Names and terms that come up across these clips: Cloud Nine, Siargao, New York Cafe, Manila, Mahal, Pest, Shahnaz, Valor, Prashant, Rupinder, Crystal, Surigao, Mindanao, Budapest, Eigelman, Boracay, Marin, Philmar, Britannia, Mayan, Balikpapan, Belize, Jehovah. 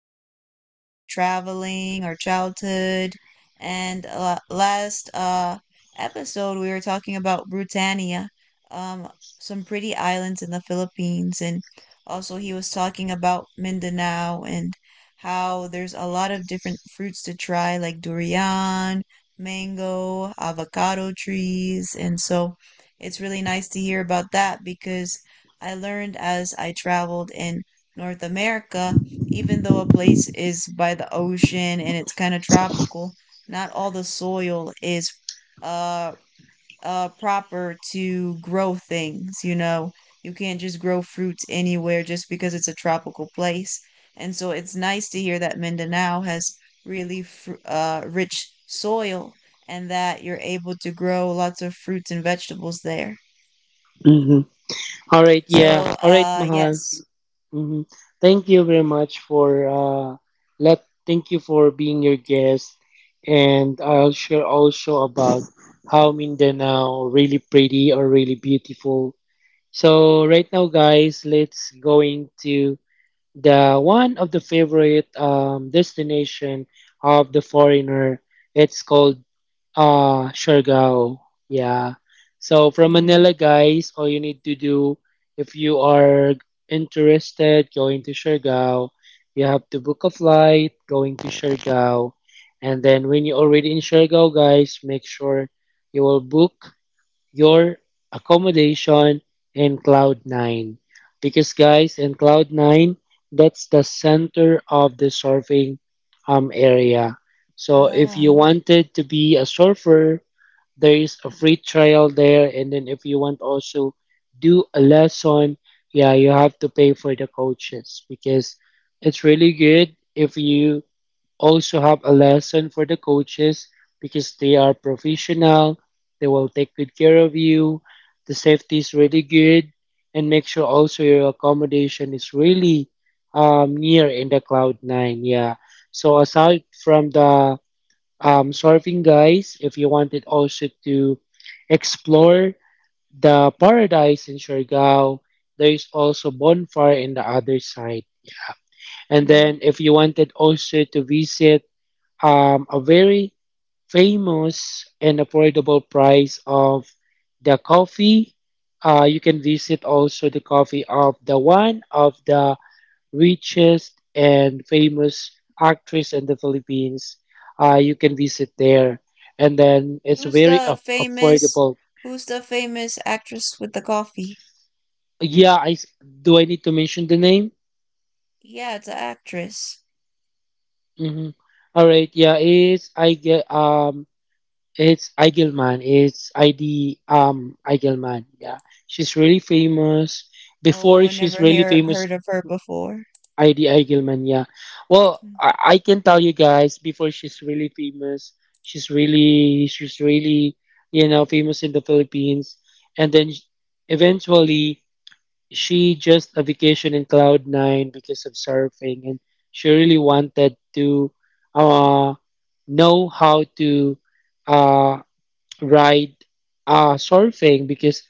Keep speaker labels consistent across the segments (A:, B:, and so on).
A: talking a lot about traveling, our childhood, and last episode we were talking about Britannia, um, some pretty islands in the Philippines. And also he was talking about Mindanao and how there's a lot of different fruits to try, like durian mango, avocado trees. And so it's really nice to hear about that because I learned as I traveled in North America, even though a place is by the ocean and it's kind of tropical, not all the soil is uh proper to grow things, you know. You can't just grow fruits anywhere just because it's a tropical place. And so it's nice to hear that Mindanao has really rich soil and that you're able to grow lots of fruits and vegetables there.
B: Mm-hmm. All right, yeah.
A: So,
B: All right, Mahal.
A: yes.
B: Mm-hmm. Thank you very much for let thank you for being your guest, and I'll share also about how Mindanao really pretty or really beautiful. So right now guys, let's going to the one of the favorite destination of the foreigner. It's called Siargao. Yeah. So from
A: Mm.
B: Manila, guys, all you need to do if you are interested going to Siargao, you have to book a flight going to Siargao. And then when you're already in Siargao, guys, make sure you will book your accommodation in Cloud Nine. Because guys, in Cloud Nine, that's the center of the surfing area. So if you
A: Ah.
B: wanted to be a surfer, there is a free trial there, and then if you want also do a lesson, yeah, you have to pay for the coaches because it's really good if you also have a lesson for the coaches because they are professional. They will take good care of you. The safety is really good, and make sure also your accommodation is really near in the Cloud Nine. Yeah. So aside from the surfing guys, if you wanted also to explore the paradise in Siargao, there is also bonfire in the other side. And
A: Mm.
B: then if you wanted also to visit a very famous and affordable price of the coffee. You can visit also the coffee of the one of the richest and famous actress in the Philippines. You can visit there, and then it's
A: Who's
B: very
A: the famous
B: affordable.
A: who's the famous actress with the coffee?
B: Yeah, I s- do. I need to mention the name.
A: Yeah, it's an actress.
B: Mm-hmm. All right. Yeah, is I get It's Eigelman. It's ID Eigelman. Yeah, she's really famous. Before
A: Oh, I
B: she's
A: never
B: really
A: hear
B: famous,
A: heard of her before.
B: ID Eigelman. Yeah. Well,
A: Hmm.
B: I can tell you guys before she's really famous, she's really famous in the Philippines, and then eventually she just a vacation in Cloud Nine because of surfing, and she really wanted to uh know how to. uh Ride surfing because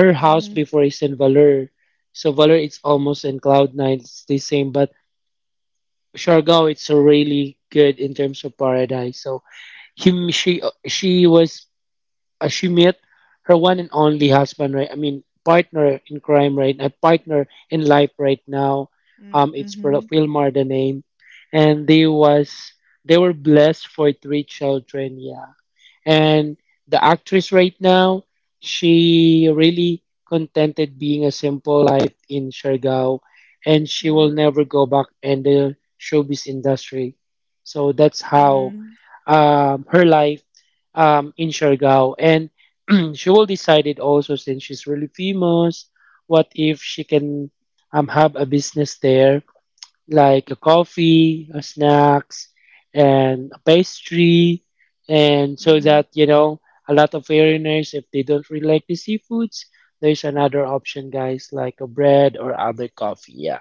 B: her house
A: Mhm.
B: before is in Valor. So Valor it's almost in Cloud Nine, it's the same, but Siargao it's a really good in terms of paradise. So him she was she met her one and only husband, right, I mean partner in crime, right, a partner in life right now.
A: Mm,
B: It's
A: mhm.
B: Philmar the name, and they were blessed for three children, yeah, and the actress right now, she really contented being a simple life in Siargao, and she will
A: Mm,
B: never go back in the showbiz industry. So that's how
A: mm,
B: her life in Siargao. And she will decide it also since she's really famous. What if she can have a business there? Like a coffee, a snacks, and a pastry, and so
A: mhm.
B: that you know a lot of foreigners, if they don't really like the seafoods, there's another option, guys, like a bread or other coffee. Yeah,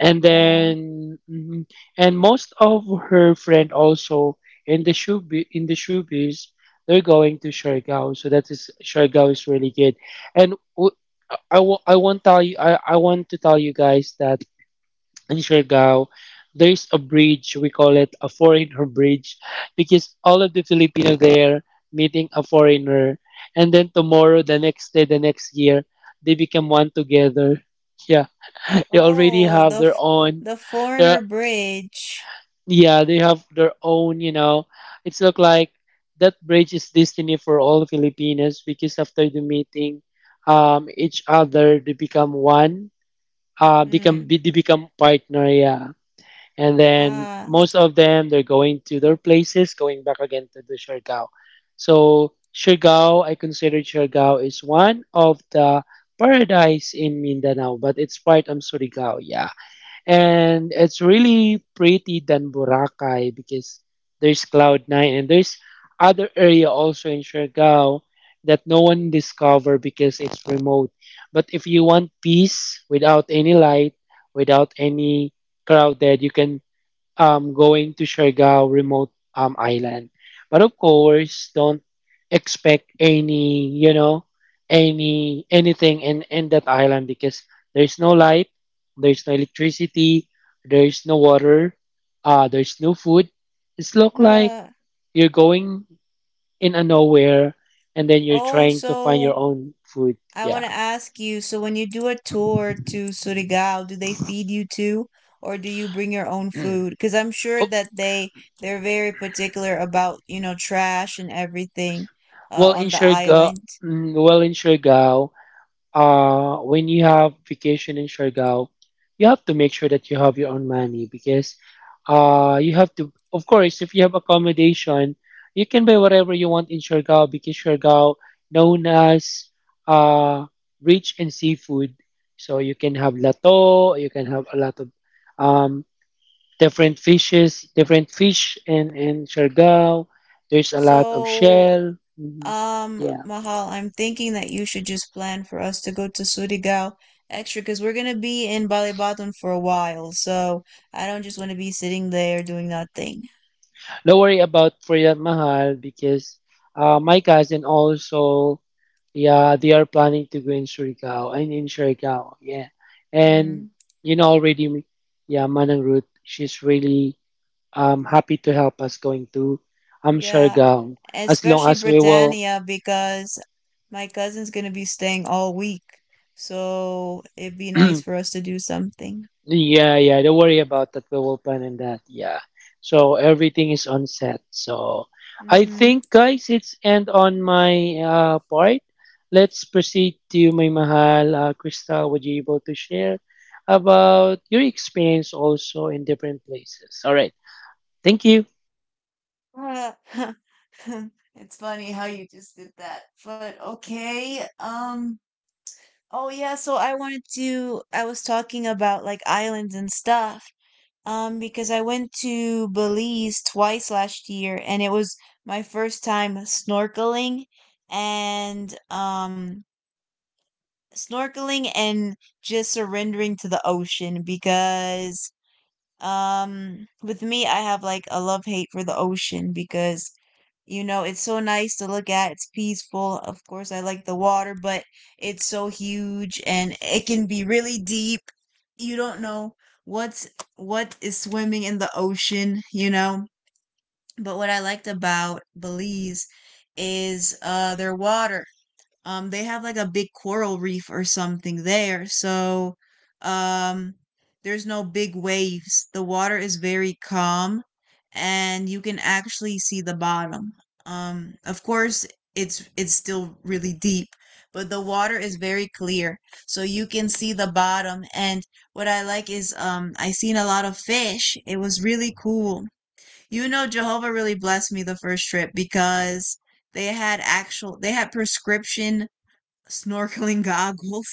B: and
A: Ah.
B: then mhm. And most of her friend also in the shoe in the showbiz. They're going to Siargao, so that is Siargao is really good. And w- I, wo- I won't tell you. I want to tell you guys that in Siargao, there's a bridge. We call it a foreigner bridge because all of the Filipino there meeting a foreigner, and then tomorrow, the next day, the next year, they become one together. Yeah, they already
A: Oh,
B: have
A: the
B: their
A: f-
B: own.
A: the
B: Their,
A: foreigner bridge.
B: yeah, they have their own. You know, it's look like that bridge is destiny for all Filipinos because after the meeting, each other they become one. Become they
A: Mm.
B: become partner. Yeah, and then
A: Ah.
B: most of them they're going to their places going back again to the Siargao. So Siargao, I consider Siargao is one of the paradise in Mindanao, but it's part of Surigao, yeah. And it's really pretty than Boracay because there's Cloud Nine and there's other area also in Siargao that no one discover because it's remote. But if you want peace without any light, without any crowded, you can going to Siargao remote island. But of course, don't expect any, you know, anything in that island because there's no light, there's no electricity, there's no water, there's no food. It's look like you're going in a nowhere, and then you're
A: Oh,
B: trying to find
A: so
B: your own food.
A: I want
B: Yeah.
A: to ask you, so when you do a tour to Surigao, do they feed you too, or do you bring your own food? Because I'm sure
B: Oh,
A: that they're very particular about, you know, trash and everything
B: well in
A: on the
B: Siargao,
A: island.
B: well in Siargao, when you have vacation in Siargao, you have to make sure that you have your own money because you have to, of course, if you have accommodation, you can buy whatever you want in Siargao because Siargao known as uh, rich in seafood. So you can have lato, you can have a lot of um, different fishes, different fish in Siargao. There's a lot of
A: So
B: shell. Mhm.
A: um,
B: Yeah.
A: Mahal, I'm thinking that you should just plan for us to go to Surigao extra because we're gonna be in Balikpapan for a while. So I don't just want to be sitting there doing nothing.
B: Don't worry about Priyat Mahal because my cousin also, yeah, they are planning to go in Surigao, yeah. And
A: Hmm.
B: you know already, yeah, Manang Ruth, she's really happy to help us going to
A: Yeah,
B: Surigao as long
A: especially
B: as we will
A: Britannia because my cousin's gonna be staying all week. So it'd be nice for us to do something.
B: Yeah, yeah. Don't worry about that. We will plan on that. Yeah. So everything is on set. So I
A: Mm-hmm.
B: think, guys, it's end on my part. Let's proceed to my mahal, Crystal. Would you able to share about your experience also in different places? All right. Thank you.
A: Uh, it's funny how you just did that, but okay. Oh yeah, so I wanted to I was talking about like islands and stuff. Because I went to Belize twice last year and it was my first time snorkeling and snorkeling and just surrendering to the ocean because with me I have like a love hate for the ocean because you know, it's so nice to look at. It's peaceful. Of course, I like the water, but it's so huge and it can be really deep. You don't know what's what is swimming in the ocean, you know. But what I liked about Belize is their water. They have like a big coral reef or something there, so um, there's no big waves. The water is very calm, and you can actually see the bottom. Of course, it's still really deep, but the water is very clear, so you can see the bottom. And what I like is I seen a lot of fish. It was really cool. You know, Jehovah really blessed me the first trip because they had prescription snorkeling goggles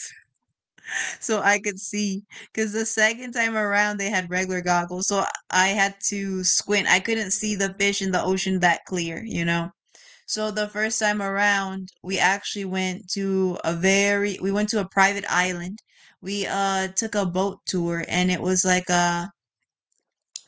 A: so I could see. Because the second time around, they had regular goggles. So I had to squint. I couldn't see the fish in the ocean that clear, you know? So the first time around, we went to a private island. We took a boat tour and it was like a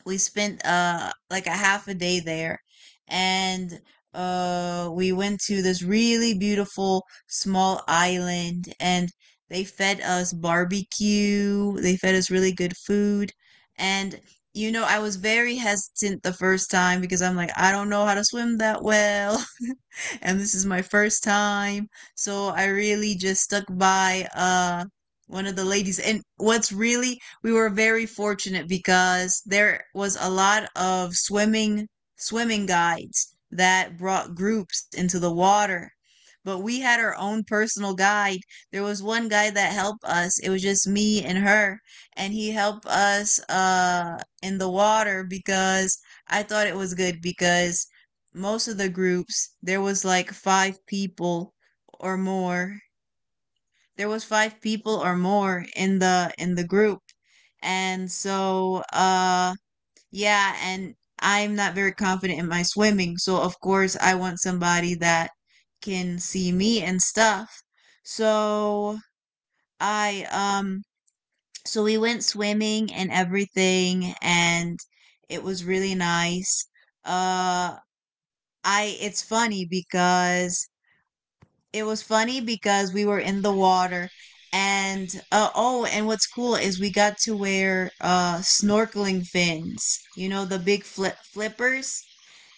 A: we spent like a half a day there and we went to this really beautiful small island, and they fed us barbecue, they fed us really good food. And you know, I was very hesitant the first time because I'm like, I don't know how to swim that well, and this is my first time. So I really just stuck by one of the ladies. And what's really we were very fortunate because there was a lot of swimming guides that brought groups into the water. But we had our own personal guide. There was one guy that helped us. It was just me and her, and he helped us in the water because I thought it was good because most of the groups there was like five people or more. There was five people or more in the group And so yeah, and I'm not very confident in my swimming, so of course I want somebody that can see me and stuff. So I so we went swimming and everything, and it was really nice. Uh I It's funny because we were in the water. And oh, and what's cool is we got to wear snorkeling fins, you know, the big flippers.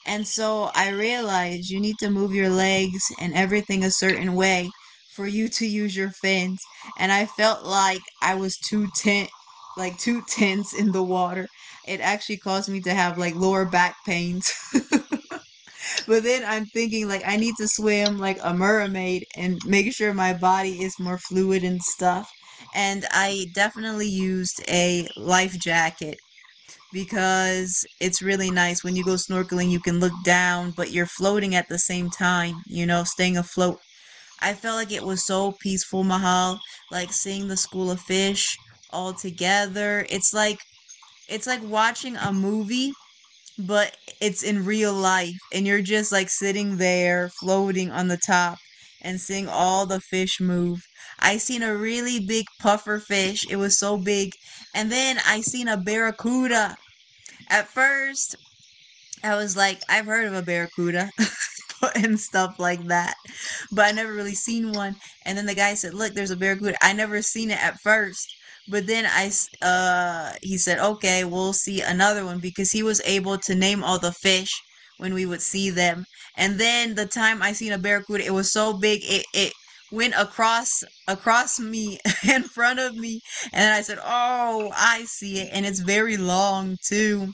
A: And so I realized you need to move your legs and everything a certain way for you to use your fins, and I felt like I was too tense, in the water. It actually caused me to have like lower back pains. But then I'm thinking like I need to swim like a mermaid and make sure my body is more fluid and stuff. And I definitely used a life jacket because it's really nice when you go snorkeling you can look down but you're floating at the same time, you know, staying afloat. I felt like it was so peaceful, Mahal, like seeing the school of fish all together. It's like watching a movie but it's in real life and you're just like sitting there floating on the top and seeing all the fish move. I seen a really big puffer fish. It was so big. And then I seen a barracuda. At first, I was like, I've heard of a barracuda and stuff like that, but I never really seen one. And then the guy said, "Look, there's a barracuda." I never seen it at first, but then he said, "Okay, we'll see another one," because he was able to name all the fish when we would see them. And then the time I seen a barracuda, it was so big it went across me in front of me. And then I said, oh, I see it, and it's very long too.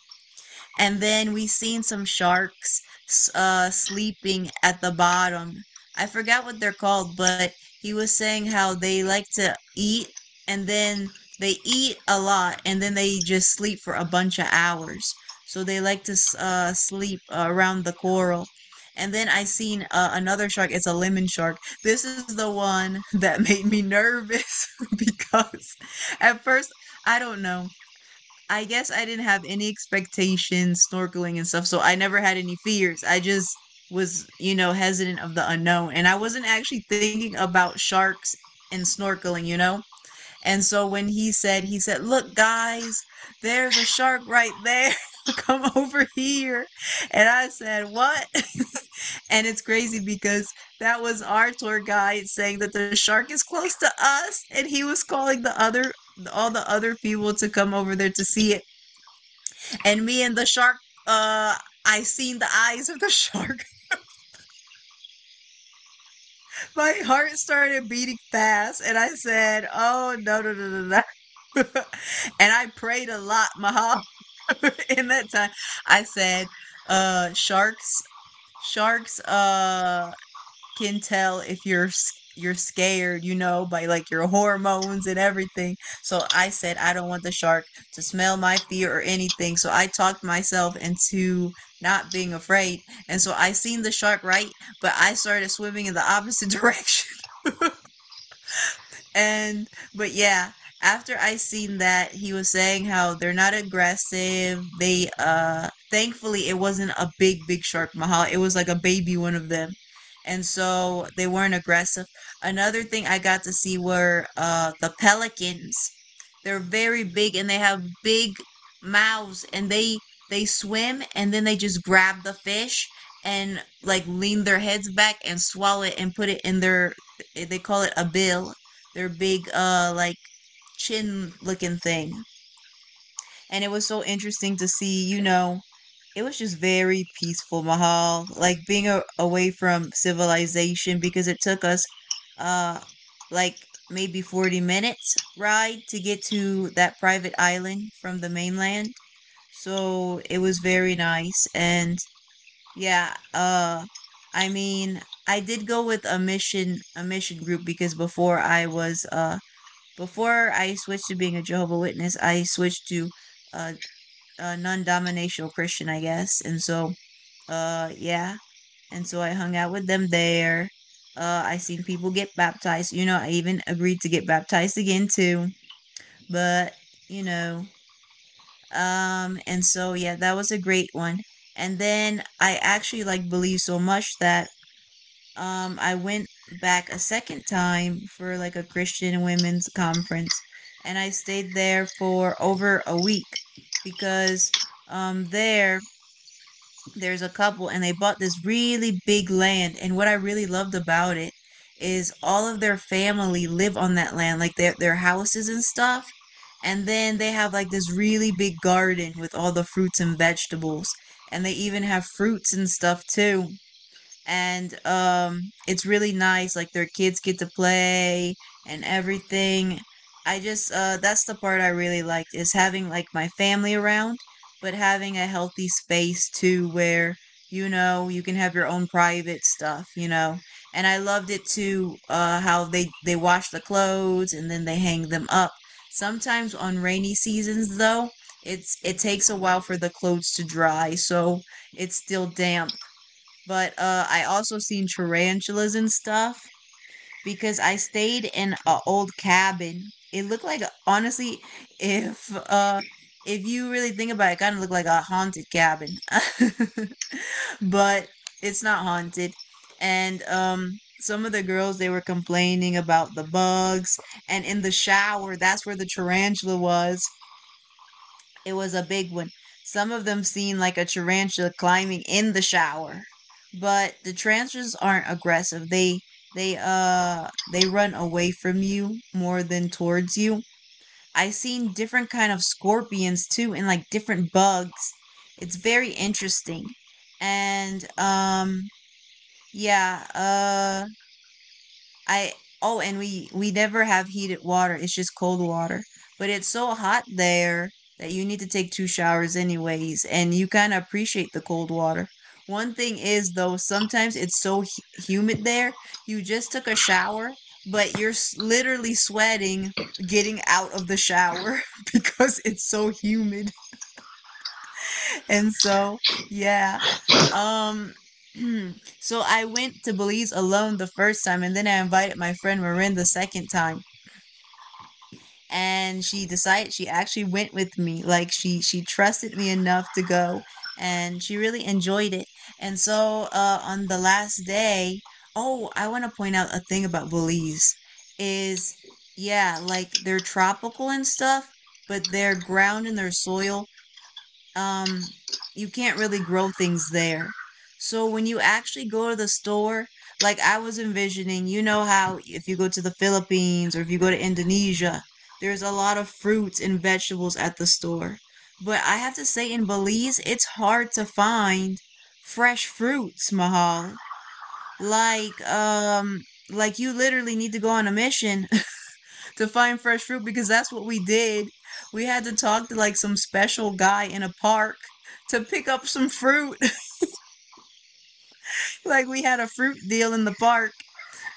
A: And then we seen some sharks sleeping at the bottom. I forgot what they're called, but he was saying how they like to eat and then they eat a lot and then they just sleep for a bunch of hours. So they like to sleep around the coral. And then I seen another shark. It's a lemon shark. This is the one that made me nervous because at first I don't know. I guess I didn't have any expectations snorkeling and stuff, so I never had any fears. I just was, you know, hesitant of the unknown. And I wasn't actually thinking about sharks and snorkeling, you know? And so he said, "Look, guys, there's a shark right there." "Come over here." And I said, "What?" And it's crazy because that was our tour guide saying that the shark is close to us. And he was calling the other all the other people to come over there to see it. And me and the shark, uh I seen the eyes of the shark. My heart started beating fast and I said, "Oh no, no, no, no, no." And I prayed a lot, Mahal. In that time, I said, uh, sharks, sharks, can tell if you're scared, you know, by like your hormones and everything. So I said I don't want the shark to smell my fear or anything. So I talked myself into not being afraid. And so I seen the shark right, but I started swimming in the opposite direction. And but yeah, after I seen that, he was saying how they're not aggressive. They thankfully it wasn't a big shark mahal. It was like a baby one of them. And so they weren't aggressive. Another thing I got to see were the pelicans. They're very big and they have big mouths, and they swim and then they just grab the fish and like lean their heads back and swallow it and put it in their, they call it a bill, their big like chin looking thing. And it was so interesting to see, you know. It was just very peaceful, Mahal, like being away from civilization because it took us uh like maybe 40 minutes ride to get to that private island from the mainland. So it was very nice. And yeah, I mean, I did go with a mission group because before I was before I switched to being a Jehovah Witness, I switched to uh, a non-dominational Christian, I guess. And so, yeah. And so I hung out with them there. I seen people get baptized. You know, I even agreed to get baptized again too. But you know, and so yeah, that was a great one. And then I actually like believe so much that I went back a second time for like a Christian women's conference, and I stayed there for over a week because um there there's a couple and they bought this really big land. And what I really loved about it is all of their family live on that land, like their houses and stuff. And then they have like this really big garden with all the fruits and vegetables, and they even have fruits and stuff too. And it's really nice, like their kids get to play and everything. I just that's the part I really liked, is having like my family around, but having a healthy space too where, you know, you can have your own private stuff, you know. And I loved it too, how they wash the clothes and then they hang them up. Sometimes on rainy seasons though, it takes a while for the clothes to dry, so it's still damp. But I also seen tarantulas and stuff because I stayed in a old cabin. It looked like, honestly, if uh, if you really think about it, it kind of looked like a haunted cabin, but it's not haunted. And some of the girls, they were complaining about the bugs, and in the shower, that's where the tarantula was. It was a big one. Some of them seemed like a tarantula climbing in the shower. But the tarantulas aren't aggressive. They run away from you more than towards you. I seen different kind of scorpions too, and like different bugs. It's very interesting. And yeah, I Oh, and we never have heated water. It's just cold water. But it's so hot there that you need to take two showers anyways, and you kind of appreciate the cold water. One thing is though, sometimes it's so humid there. You just took a shower, but you're literally sweating getting out of the shower because it's so humid. And so, yeah. Um so I went to Belize alone the first time and then I invited my friend Marin the second time. And she decided, she actually went with me. Like she trusted me enough to go, and she really enjoyed it. And so on the last day, oh, I want to point out a thing about Belize is, yeah, like they're tropical and stuff, but their ground and their soil, um you can't really grow things there. So when you actually go to the store, like I was envisioning, you know how if you go to the Philippines or if you go to Indonesia, there's a lot of fruits and vegetables at the store. But I have to say in Belize, it's hard to find fresh fruits, Mahal. Like um like you literally need to go on a mission to find fresh fruit, because that's what we did. We had to talk to like some special guy in a park to pick up some fruit. Like we had a fruit deal in the park,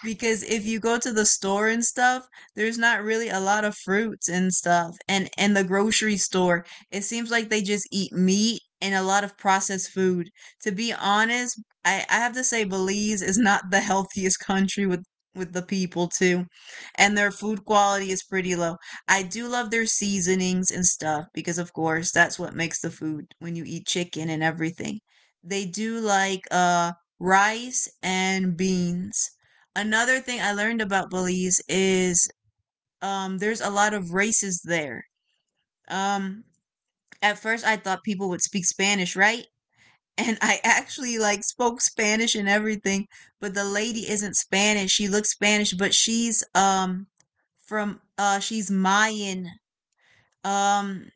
A: because if you go to the store and stuff, there's not really a lot of fruits and stuff. And the grocery store, it seems like they just eat meat and a lot of processed food. To be honest, I have to say Belize is not the healthiest country, with the people too. And their food quality is pretty low. I do love their seasonings and stuff, because of course that's what makes the food when you eat chicken and everything. They do like rice and beans. Another thing I learned about Belize is, there's a lot of races there. Um, at first, I thought people would speak Spanish, right? And I actually like spoke Spanish and everything, but the lady isn't Spanish. She looks Spanish, but she's from she's Mayan. Um,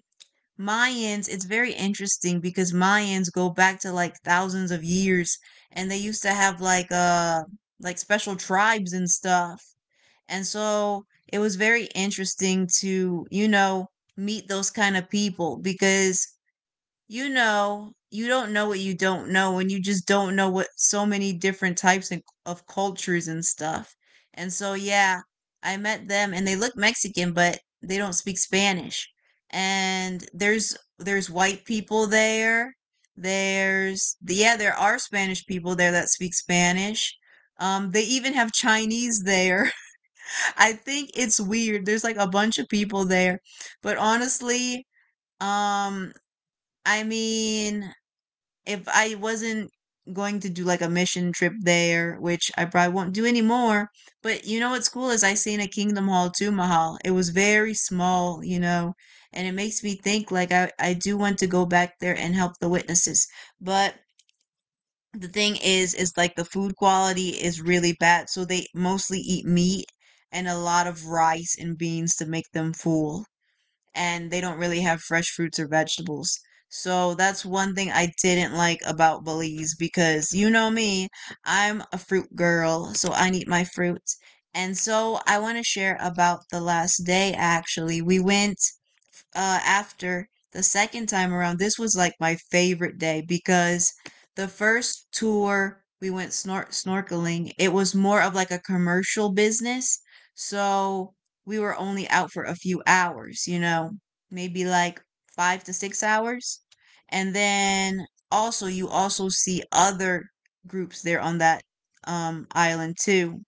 A: Mayans, it's very interesting because Mayans go back to like thousands of years, and they used to have like special tribes and stuff. And so it was very interesting to, you know, meet those kind of people because, you know, you don't know what you don't know, and you just don't know what so many different types of cultures and stuff. And so, yeah, I met them and they look Mexican, but they don't speak Spanish. And there's white people there. There's yeah, there are Spanish people there that speak Spanish. They even have Chinese there. I think it's weird. There's like a bunch of people there. But honestly, um I mean, if I wasn't going to do like a mission trip there, which I probably won't do anymore, but you know what's cool is I seen a Kingdom Hall too, Mahal. It was very small, you know, and it makes me think like I do want to go back there and help the witnesses. But the thing is like the food quality is really bad, so they mostly eat meat and a lot of rice and beans to make them full, and they don't really have fresh fruits or vegetables. So that's one thing I didn't like about Belize, because you know me, I'm a fruit girl, so I need my fruits. And so I want to share about the last day. Actually, we went after the second time around, this was like my favorite day, because the first tour we went snorkeling, it was more of like a commercial business. So we were only out for a few hours, you know, maybe like 5 to 6 hours. And then also, you also see other groups there on that island too.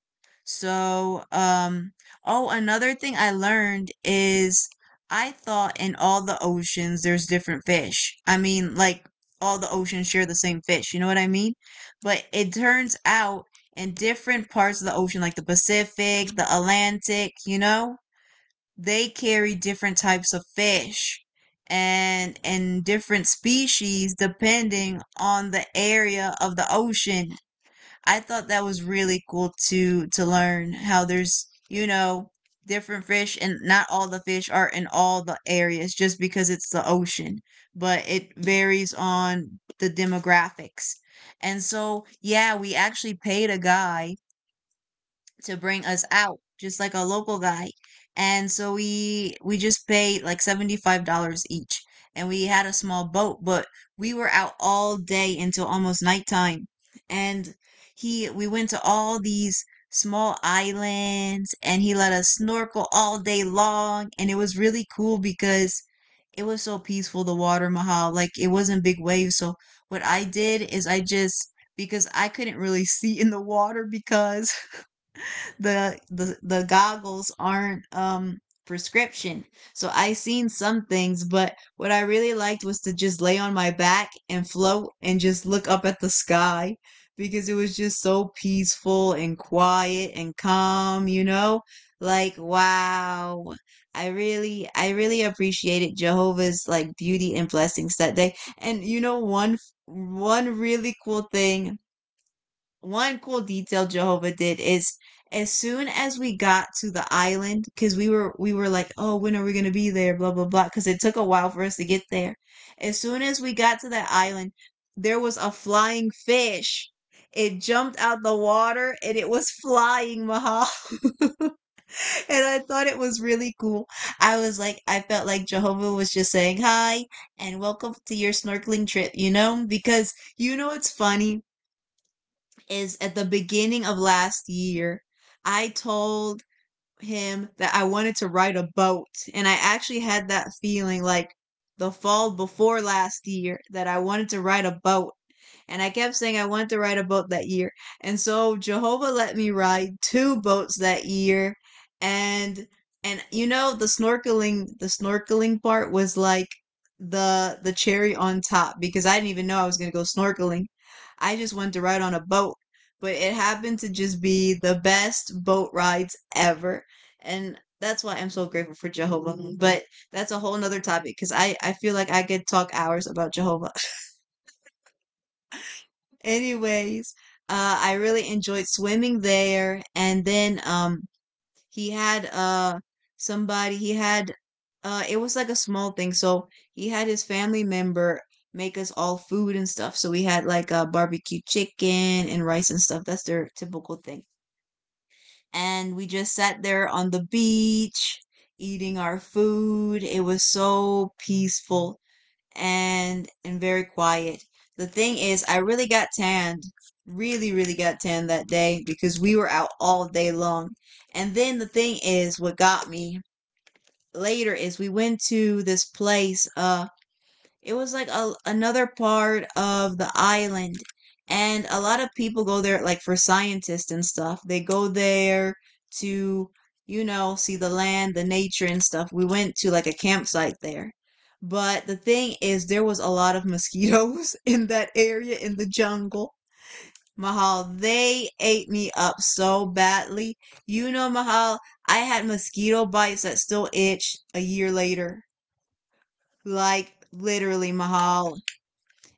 A: So, oh, another thing I learned is I thought in all the oceans there's different fish. I mean, like all the oceans share the same fish, you know what I mean? But it turns out in different parts of the ocean, like the Pacific, the Atlantic, you know, they carry different types of fish and different species depending on the area of the ocean. I thought that was really cool, to learn how there's, you know, different fish and not all the fish are in all the areas just because it's the ocean, but it varies on the demographics. And so, yeah, we actually paid a guy to bring us out, just like a local guy. And so we just paid like $75 each, and we had a small boat, but we were out all day until almost nighttime. And he we went to all these small islands, and he let us snorkel all day long. And it was really cool because it was so peaceful, the water, Mahal, like it wasn't big waves. So what I did is I just, because I couldn't really see in the water, because the goggles aren't prescription. So I seen some things, but what I really liked was to just lay on my back and float and just look up at the sky, because it was just so peaceful and quiet and calm, you know? Like, wow. I really appreciated Jehovah's like beauty and blessings that day. And you know, one really cool thing, one cool detail Jehovah did is, as soon as we got to the island, because we were like, oh, when are we gonna be there? Blah blah blah. Because it took a while for us to get there. As soon as we got to that island, there was a flying fish. It jumped out the water and it was flying, Mahal. And I thought it was really cool. I was like, I felt like Jehovah was just saying hi and welcome to your snorkeling trip, you know? Because you know it's funny is, at the beginning of last year, I told him that I wanted to ride a boat. And I actually had that feeling like the fall before last year that I wanted to ride a boat. And I kept saying I wanted to ride a boat that year. And so Jehovah let me ride two boats that year. And and you know, the snorkeling part was like the cherry on top, because I didn't even know I was going to go snorkeling. I just wanted to ride on a boat, but it happened to just be the best boat rides ever. And that's why I'm so grateful for Jehovah. But that's a whole nother topic, because I feel like I could talk hours about Jehovah. Anyways, I really enjoyed swimming there, and then he had somebody. He had it was like a small thing, so he had his family member make us all food and stuff. So we had like a barbecue chicken and rice and stuff. That's their typical thing. And we just sat there on the beach eating our food. It was so peaceful and very quiet. The thing is, I really got tanned, really, really got tanned that day because we were out all day long. And then the thing is, what got me later is we went to this place. It was like another part of the island. And a lot of people go there, like for scientists and stuff. They go there to, you know, see the land, the nature, and stuff. We went to like a campsite there. But the thing is, there was a lot of mosquitoes in that area in the jungle. Mahal, they ate me up so badly. You know, Mahal, I had mosquito bites that still itch a year later. Like, literally, Mahal,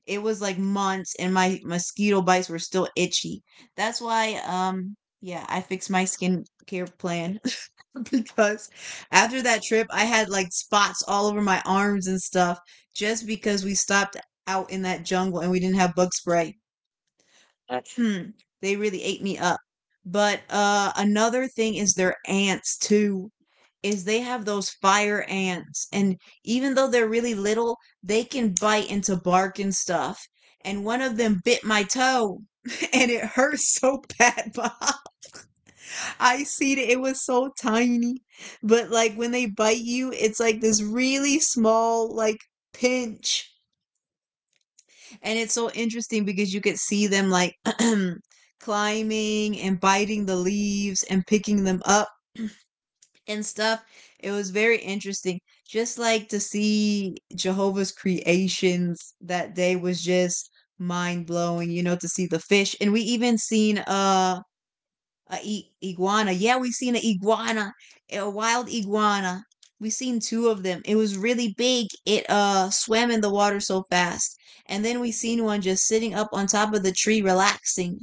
A: it was like months and my mosquito bites were still itchy. That's why yeah, I fixed my skincare plan because after that trip I had like spots all over my arms and stuff just because we stopped out in that jungle and we didn't have bug spray hmm. They really ate me up. But another thing is their ants too. Is they have those fire ants and even though they're really little, they can bite into bark and stuff. And one of them bit my toe and it hurt so bad. But I see it. It was so tiny. But like when they bite you, it's like this really small like pinch and it's so interesting because you could see them like climbing and biting the leaves and picking them up and stuff. It was very interesting. Just like to see Jehovah's creations that day was just mind blowing, you know, to see the fish. And we even seen iguana. Yeah, we seen an iguana, a wild iguana. We seen two of them. It was really big. It swam in the water so fast. And then we seen one just sitting up on top of the tree relaxing.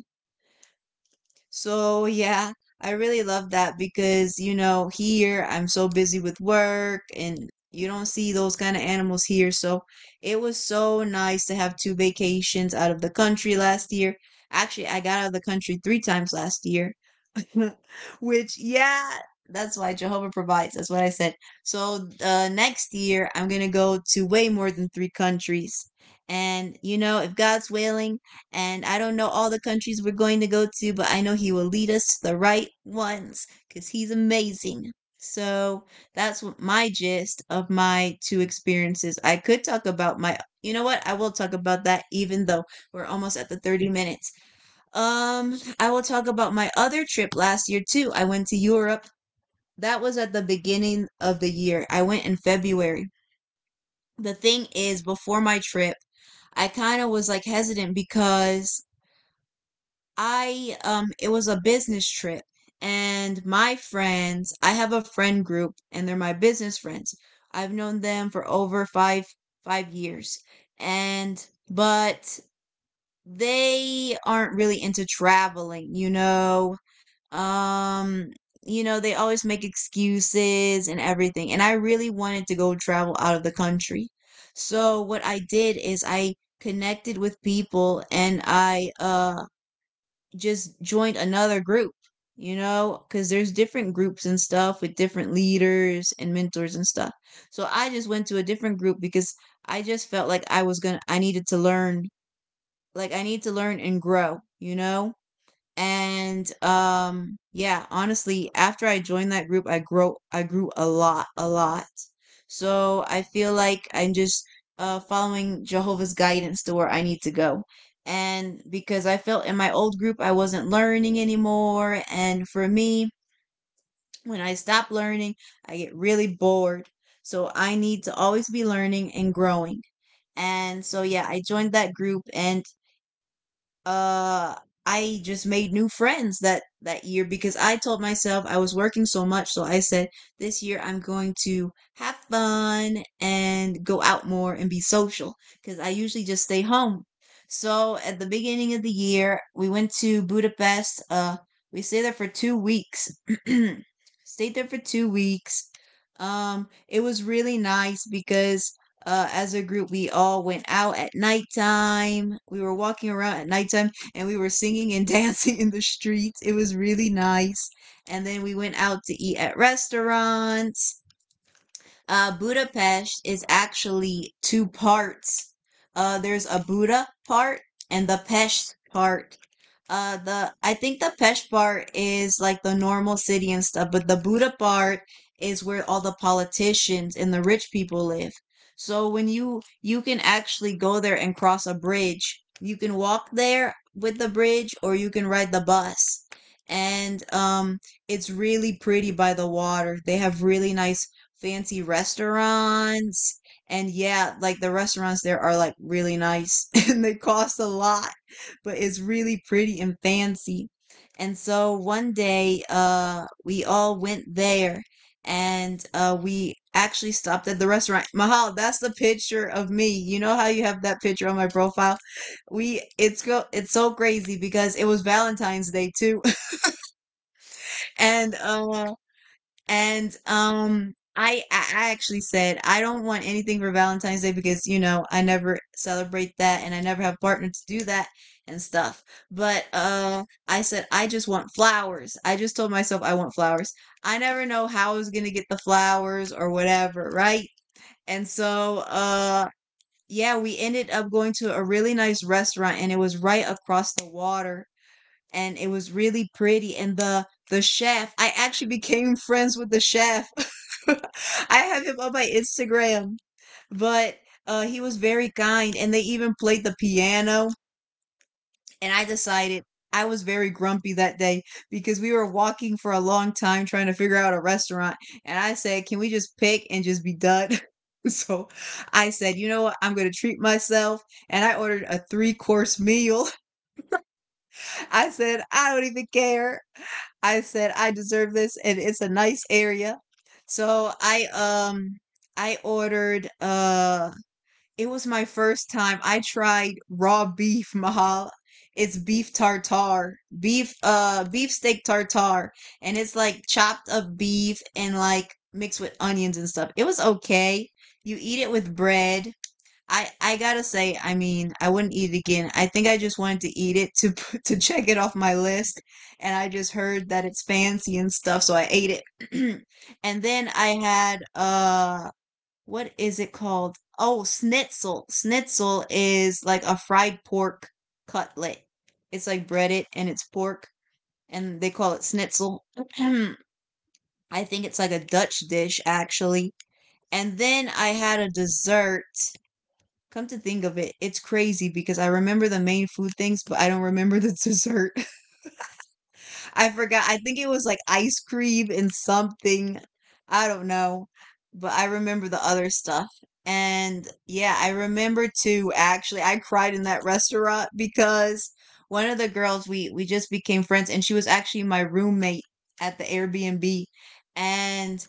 A: So yeah, I really love that because you know, here I'm so busy with work and you don't see those kind of animals here. So it was so nice to have two vacations out of the country last year. Actually, I got out of the country three times last year. Which, yeah, that's why Jehovah provides. That's what I said. So next year, I'm going to go to way more than three countries. And, you know, if God's willing, and I don't know all the countries we're going to go to, but I know He will lead us to the right ones because He's amazing. So that's what my gist of my two experiences. I could talk about my, you know what? I will talk about that even though we're almost at the 30 minutes. I will talk about my other trip last year too. I went to Europe. That was at the beginning of the year. I went in February. The thing is, before my trip, I kind of was like hesitant because I it was a business trip and my friends, I have a friend group and they're my business friends. I've known them for over 5 years. And but they aren't really into traveling, you know. Um, you know, they always make excuses and everything. And I really wanted to go travel out of the country. So what I did is I connected with people and I just joined another group, you know, cuz there's different groups and stuff with different leaders and mentors and stuff. So I just went to a different group because I needed to learn, like I need to learn and grow, you know? And yeah, honestly, after I joined that group, I grew a lot, a lot. So I feel like I'm just following Jehovah's guidance to where I need to go. And because I felt in my old group I wasn't learning anymore and for me, when I stop learning, I get really bored. So I need to always be learning and growing. And so, yeah, I joined that group. And uh I just made new friends that year because I told myself I was working so much so I said this year I'm going to have fun and go out more and be social cuz I usually just stay home. So at the beginning of the year we went to Budapest, we stayed there for 2 weeks. stayed there for 2 weeks. It was really nice because as a group, we all went out at nighttime. We were walking around at nighttime and we were singing and dancing in the streets. It was really nice. And then we went out to eat at restaurants. Budapest is actually two parts. There's a Buddha part and the Pest part. The I think the Pest part is like the normal city and stuff, but the Buddha part is where all the politicians and the rich people live. So when you can actually go there and cross a bridge, you can walk there with the bridge or you can ride the bus. And it's really pretty by the water. They have really nice fancy restaurants. And yeah, like the restaurants there are like really nice and they cost a lot, but it's really pretty and fancy. And so one day, we all went there and we actually stopped at the restaurant. Mahal, that's the picture of me. You know how you have that picture on my profile? We it's go it's so crazy because it was Valentine's Day too. And I actually said I don't want anything for Valentine's Day because you know I never celebrate that and I never have a partner to do that and stuff. But I said I just want flowers. I just told myself I want flowers. I never know how I was going to get the flowers or whatever, right? And so yeah, we ended up going to a really nice restaurant and it was right across the water and it was really pretty. And the chef, I actually became friends with the chef. I have him on my Instagram, but he was very kind, and they even played the piano. And I decided I was very grumpy that day because we were walking for a long time trying to figure out a restaurant, and I said, "Can we just pick and just be done?" So I said, you know what? I'm going to treat myself. And I ordered a three course meal. I said, I don't even care. I said I deserve this, and it's a nice area. So I ordered it was my first time. I tried raw beef, Mahal. It's beef tartare, beef steak tartare, and it's like chopped up beef and like mixed with onions and stuff. It was okay. You eat it with bread. I gotta say, I mean, I wouldn't eat it again. I think I just wanted to eat it to to check it off my list, and I just heard that it's fancy and stuff, so I ate it. And then I had what is it called? Oh, schnitzel. Schnitzel is like a fried pork cutlet. It's like breaded and it's pork, and they call it schnitzel. I think it's like a Dutch dish actually. And then I had a dessert. Come to think of it, it's crazy because I remember the main food things, but I don't remember the dessert. I forgot. I think it was like ice cream and something. I don't know. But I remember the other stuff. And yeah, I remember too, actually, I cried in that restaurant because one of the girls, we just became friends, and she was actually my roommate at the Airbnb. And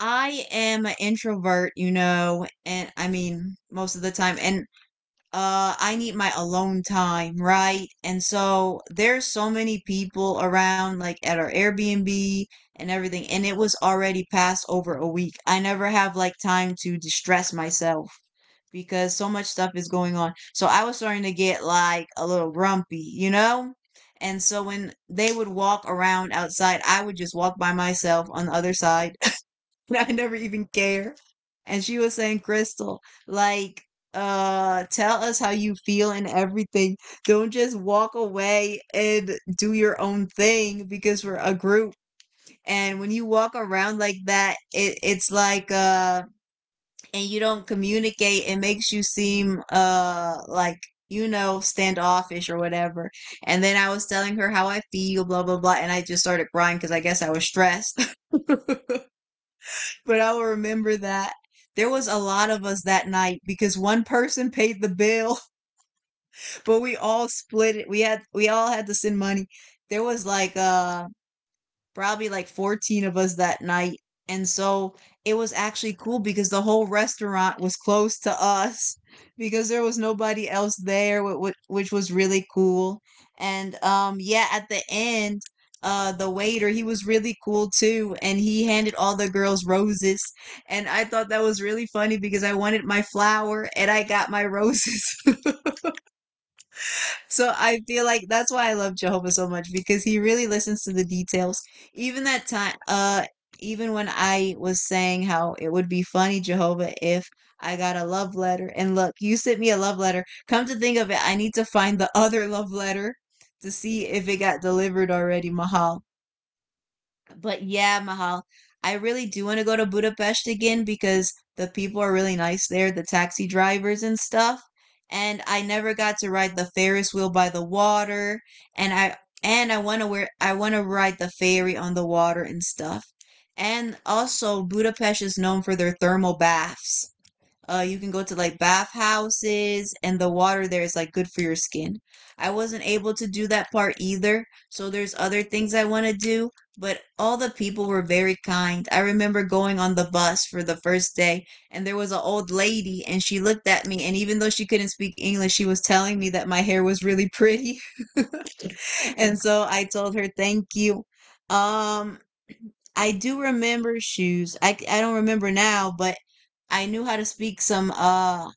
A: I am an introvert, you know, and I mean, most of the time. And I need my alone time, right? And so there's so many people around like at our Airbnb and everything and it was already past over a week. I never have like time to distress myself because so much stuff is going on. So I was starting to get like a little grumpy, you know? And so when they would walk around outside, I would just walk by myself on the other side. I never even care. And she was saying, "Crystal, like, tell us how you feel and everything. Don't just walk away and do your own thing because we're a group. And when you walk around like that, it's like, and you don't communicate, it makes you seem, standoffish or whatever. And then I was telling her how I feel, blah, blah, blah. And I just started crying because I guess I was stressed. But I will remember that there was a lot of us that night because one person paid the bill, but we all split it. We all had to send money. There was like probably like 14 of us that night. And so it was actually cool because the whole restaurant was close to us because there was nobody else there, which was really cool. And yeah, at the end, the waiter, he was really cool too, and he handed all the girls roses. And I thought that was really funny because I wanted my flower and I got my roses. So I feel like that's why I love Jehovah so much because he really listens to the details. Even that time, even when I was saying how it would be funny, Jehovah, if I got a love letter, and look, you sent me a love letter. Come to think of it, I need to find the other love letter to see if it got delivered already, Mahal. But yeah, Mahal, I really do want to go to Budapest again because the people are really nice there, the taxi drivers and stuff. And I never got to ride the Ferris wheel by the water, and I want to ride the ferry on the water and stuff. And also Budapest is known for their thermal baths. You can go to like bathhouses, and the water there is like good for your skin. I wasn't able to do that part either, so there's other things I want to do, but all the people were very kind. I remember going on the bus for the first day, and there was an old lady, and she looked at me, and even though she couldn't speak English, she was telling me that my hair was really pretty. And so I told her, thank you. Um, I do remember shoes. I don't remember now, but I knew how to speak some uh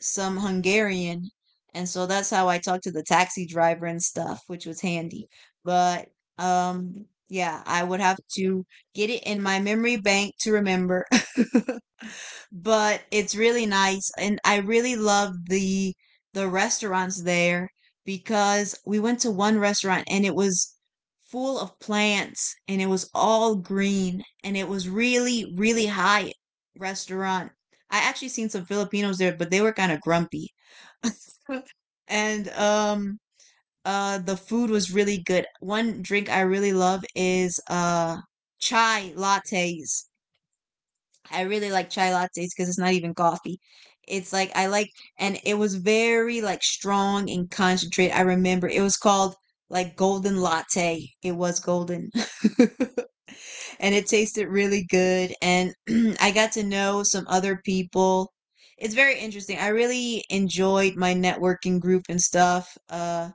A: some Hungarian. And so that's how I talked to the taxi driver and stuff, which was handy. But yeah, I would have to get it in my memory bank to remember. But it's really nice and I really love the restaurants there because we went to one restaurant and it was full of plants and it was all green and it was really really high restaurant. I actually seen some Filipinos there but they were kind of grumpy. And the food was really good. One drink I really love is chai lattes. I really like chai lattes because it's not even coffee. It's like I like, and it was very like strong and concentrated. I remember it was called like golden latte. It was golden, and it tasted really good. And I got to know some other people. It's very interesting. I really enjoyed my networking group and stuff.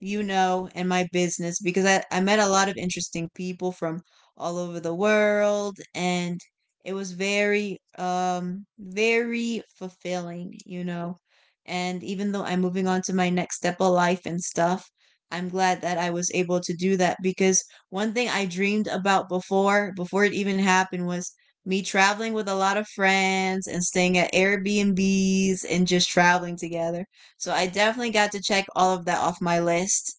A: You know, and my business because I met a lot of interesting people from all over the world and it was very fulfilling, you know. And even though I'm moving on to my next step of life and stuff, I'm glad that I was able to do that because one thing I dreamed about before it even happened was me traveling with a lot of friends and staying at Airbnbs and just traveling together. So I definitely got to check all of that off my list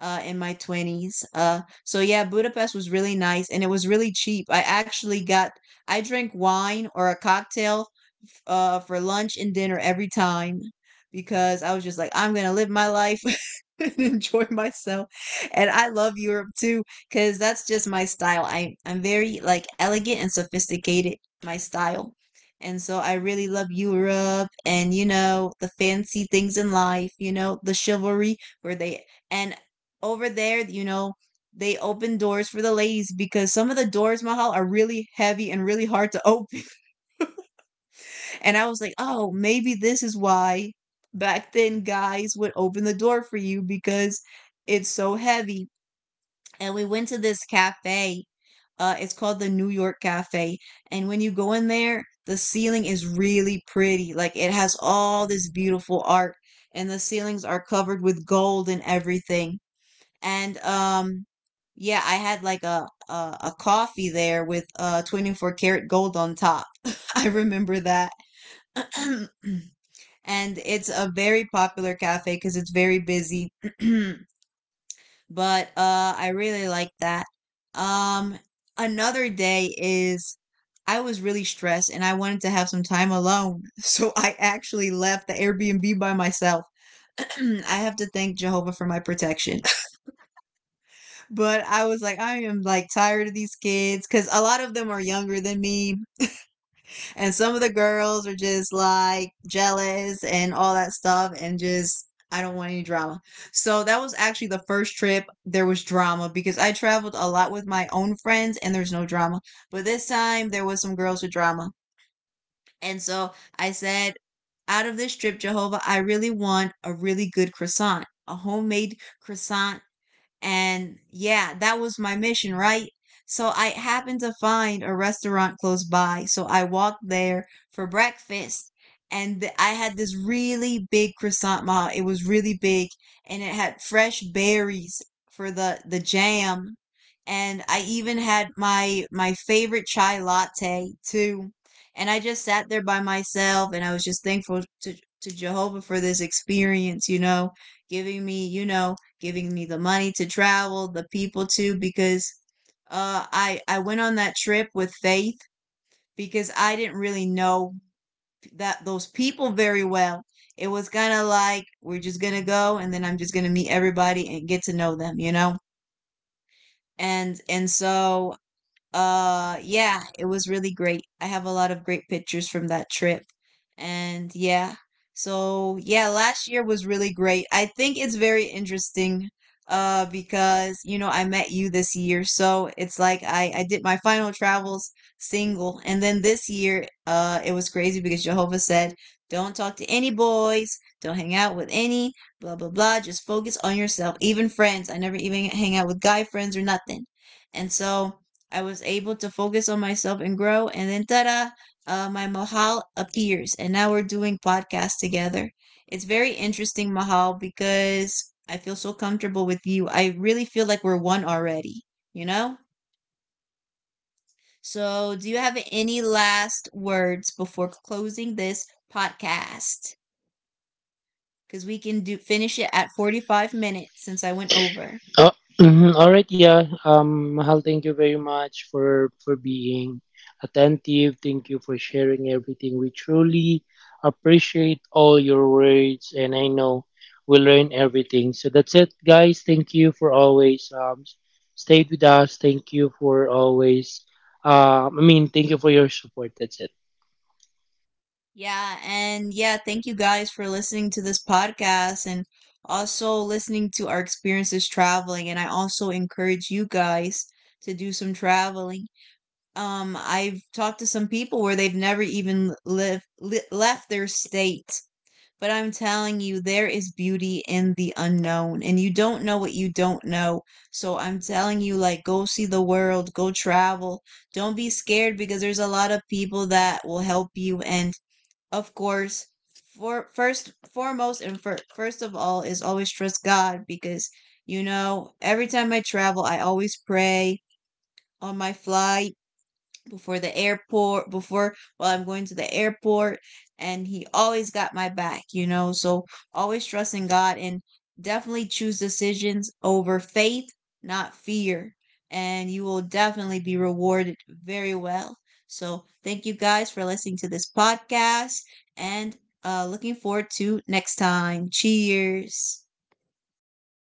A: in my 20s. So yeah, Budapest was really nice and it was really cheap. I drank wine or a cocktail for lunch and dinner every time because I was just like, I'm gonna live my life and enjoy myself. And I love Europe too because that's just my style. I'm very like elegant and sophisticated, my style. And so I really love Europe and, you know, the fancy things in life, you know, the chivalry where they and over there, you know, they open doors for the ladies because some of the doors, Mahal, are really heavy and really hard to open. And I was like, oh, maybe this is why back then guys would open the door for you because it's so heavy. And we went to this cafe. It's called the New York Cafe. And when you go in there, the ceiling is really pretty. Like it has all this beautiful art, and the ceilings are covered with gold and everything. And um yeah, I had like a coffee there with 24 karat gold on top. I remember that. And it's a very popular cafe cuz it's very busy. But I really like that. Um Another day is I was really stressed and I wanted to have some time alone. So I actually left the Airbnb by myself. I have to thank Jehovah for my protection. But I was like, I am like tired of these kids because a lot of them are younger than me. And some of the girls are just like jealous and all that stuff. And just, I don't want any drama. So that was actually the first trip there was drama because I traveled a lot with my own friends and there's no drama. But this time there was some girls with drama. And so I said, out of this trip, Jehovah, I really want a really good croissant, a homemade croissant, and yeah, that was my mission, right? So I happened to find a restaurant close by. So I walked there for breakfast. And I had this really big croissant, ma. It was really big and it had fresh berries for the jam. And I even had my favorite chai latte too. And I just sat there by myself and I was just thankful to Jehovah for this experience, you know, giving me, you know, giving me the money to travel, the people to because I went on that trip with Faith because I didn't really know that those people very well. It was kind of like we're just going to go and then I'm just going to meet everybody and get to know them, you know? And so yeah, it was really great. I have a lot of great pictures from that trip. And yeah, so yeah, last year was really great. I think it's very interesting because you know I met you this year. So it's like I did my final travels single and then this year it was crazy because Jehovah said, "Don't talk to any boys, don't hang out with any blah blah blah, just focus on yourself, even friends. I never even hang out with guy friends or nothing." And so I was able to focus on myself and grow. And then, ta da, my Mahal appears. And now we're doing podcasts together. It's very interesting, Mahal, because I feel so comfortable with you. I really feel like we're one already, you know? So, do you have any last words before closing this podcast? Because we can do finish it at 45 minutes since I went over.
C: Oh, mhm, all right, yeah. Mahal, thank you very much for being attentive. Thank you for sharing everything. We truly appreciate all your words, and I know we'll learn everything. So that's it, guys. Thank you for always stayed with us. Thank you for always. I mean, thank you for your support. That's it.
A: Yeah, and yeah, thank you guys for listening to this podcast and also listening to our experiences traveling. And I also encourage you guys to do some traveling. I've talked to some people where they've never even left their state, but I'm telling you, there is beauty in the unknown, and you don't know what you don't know. So I'm telling you, like, go see the world, go travel. Don't be scared because there's a lot of people that will help you and of course, for first foremost and first of all is always trust God because you know every time I travel I always pray on my flight before the airport, before while I'm going to the airport, and He always got my back, you know. So always trust in God and definitely choose decisions over faith, not fear, and you will definitely be rewarded very well. So thank you guys for listening to this podcast and looking forward to next time. Cheers.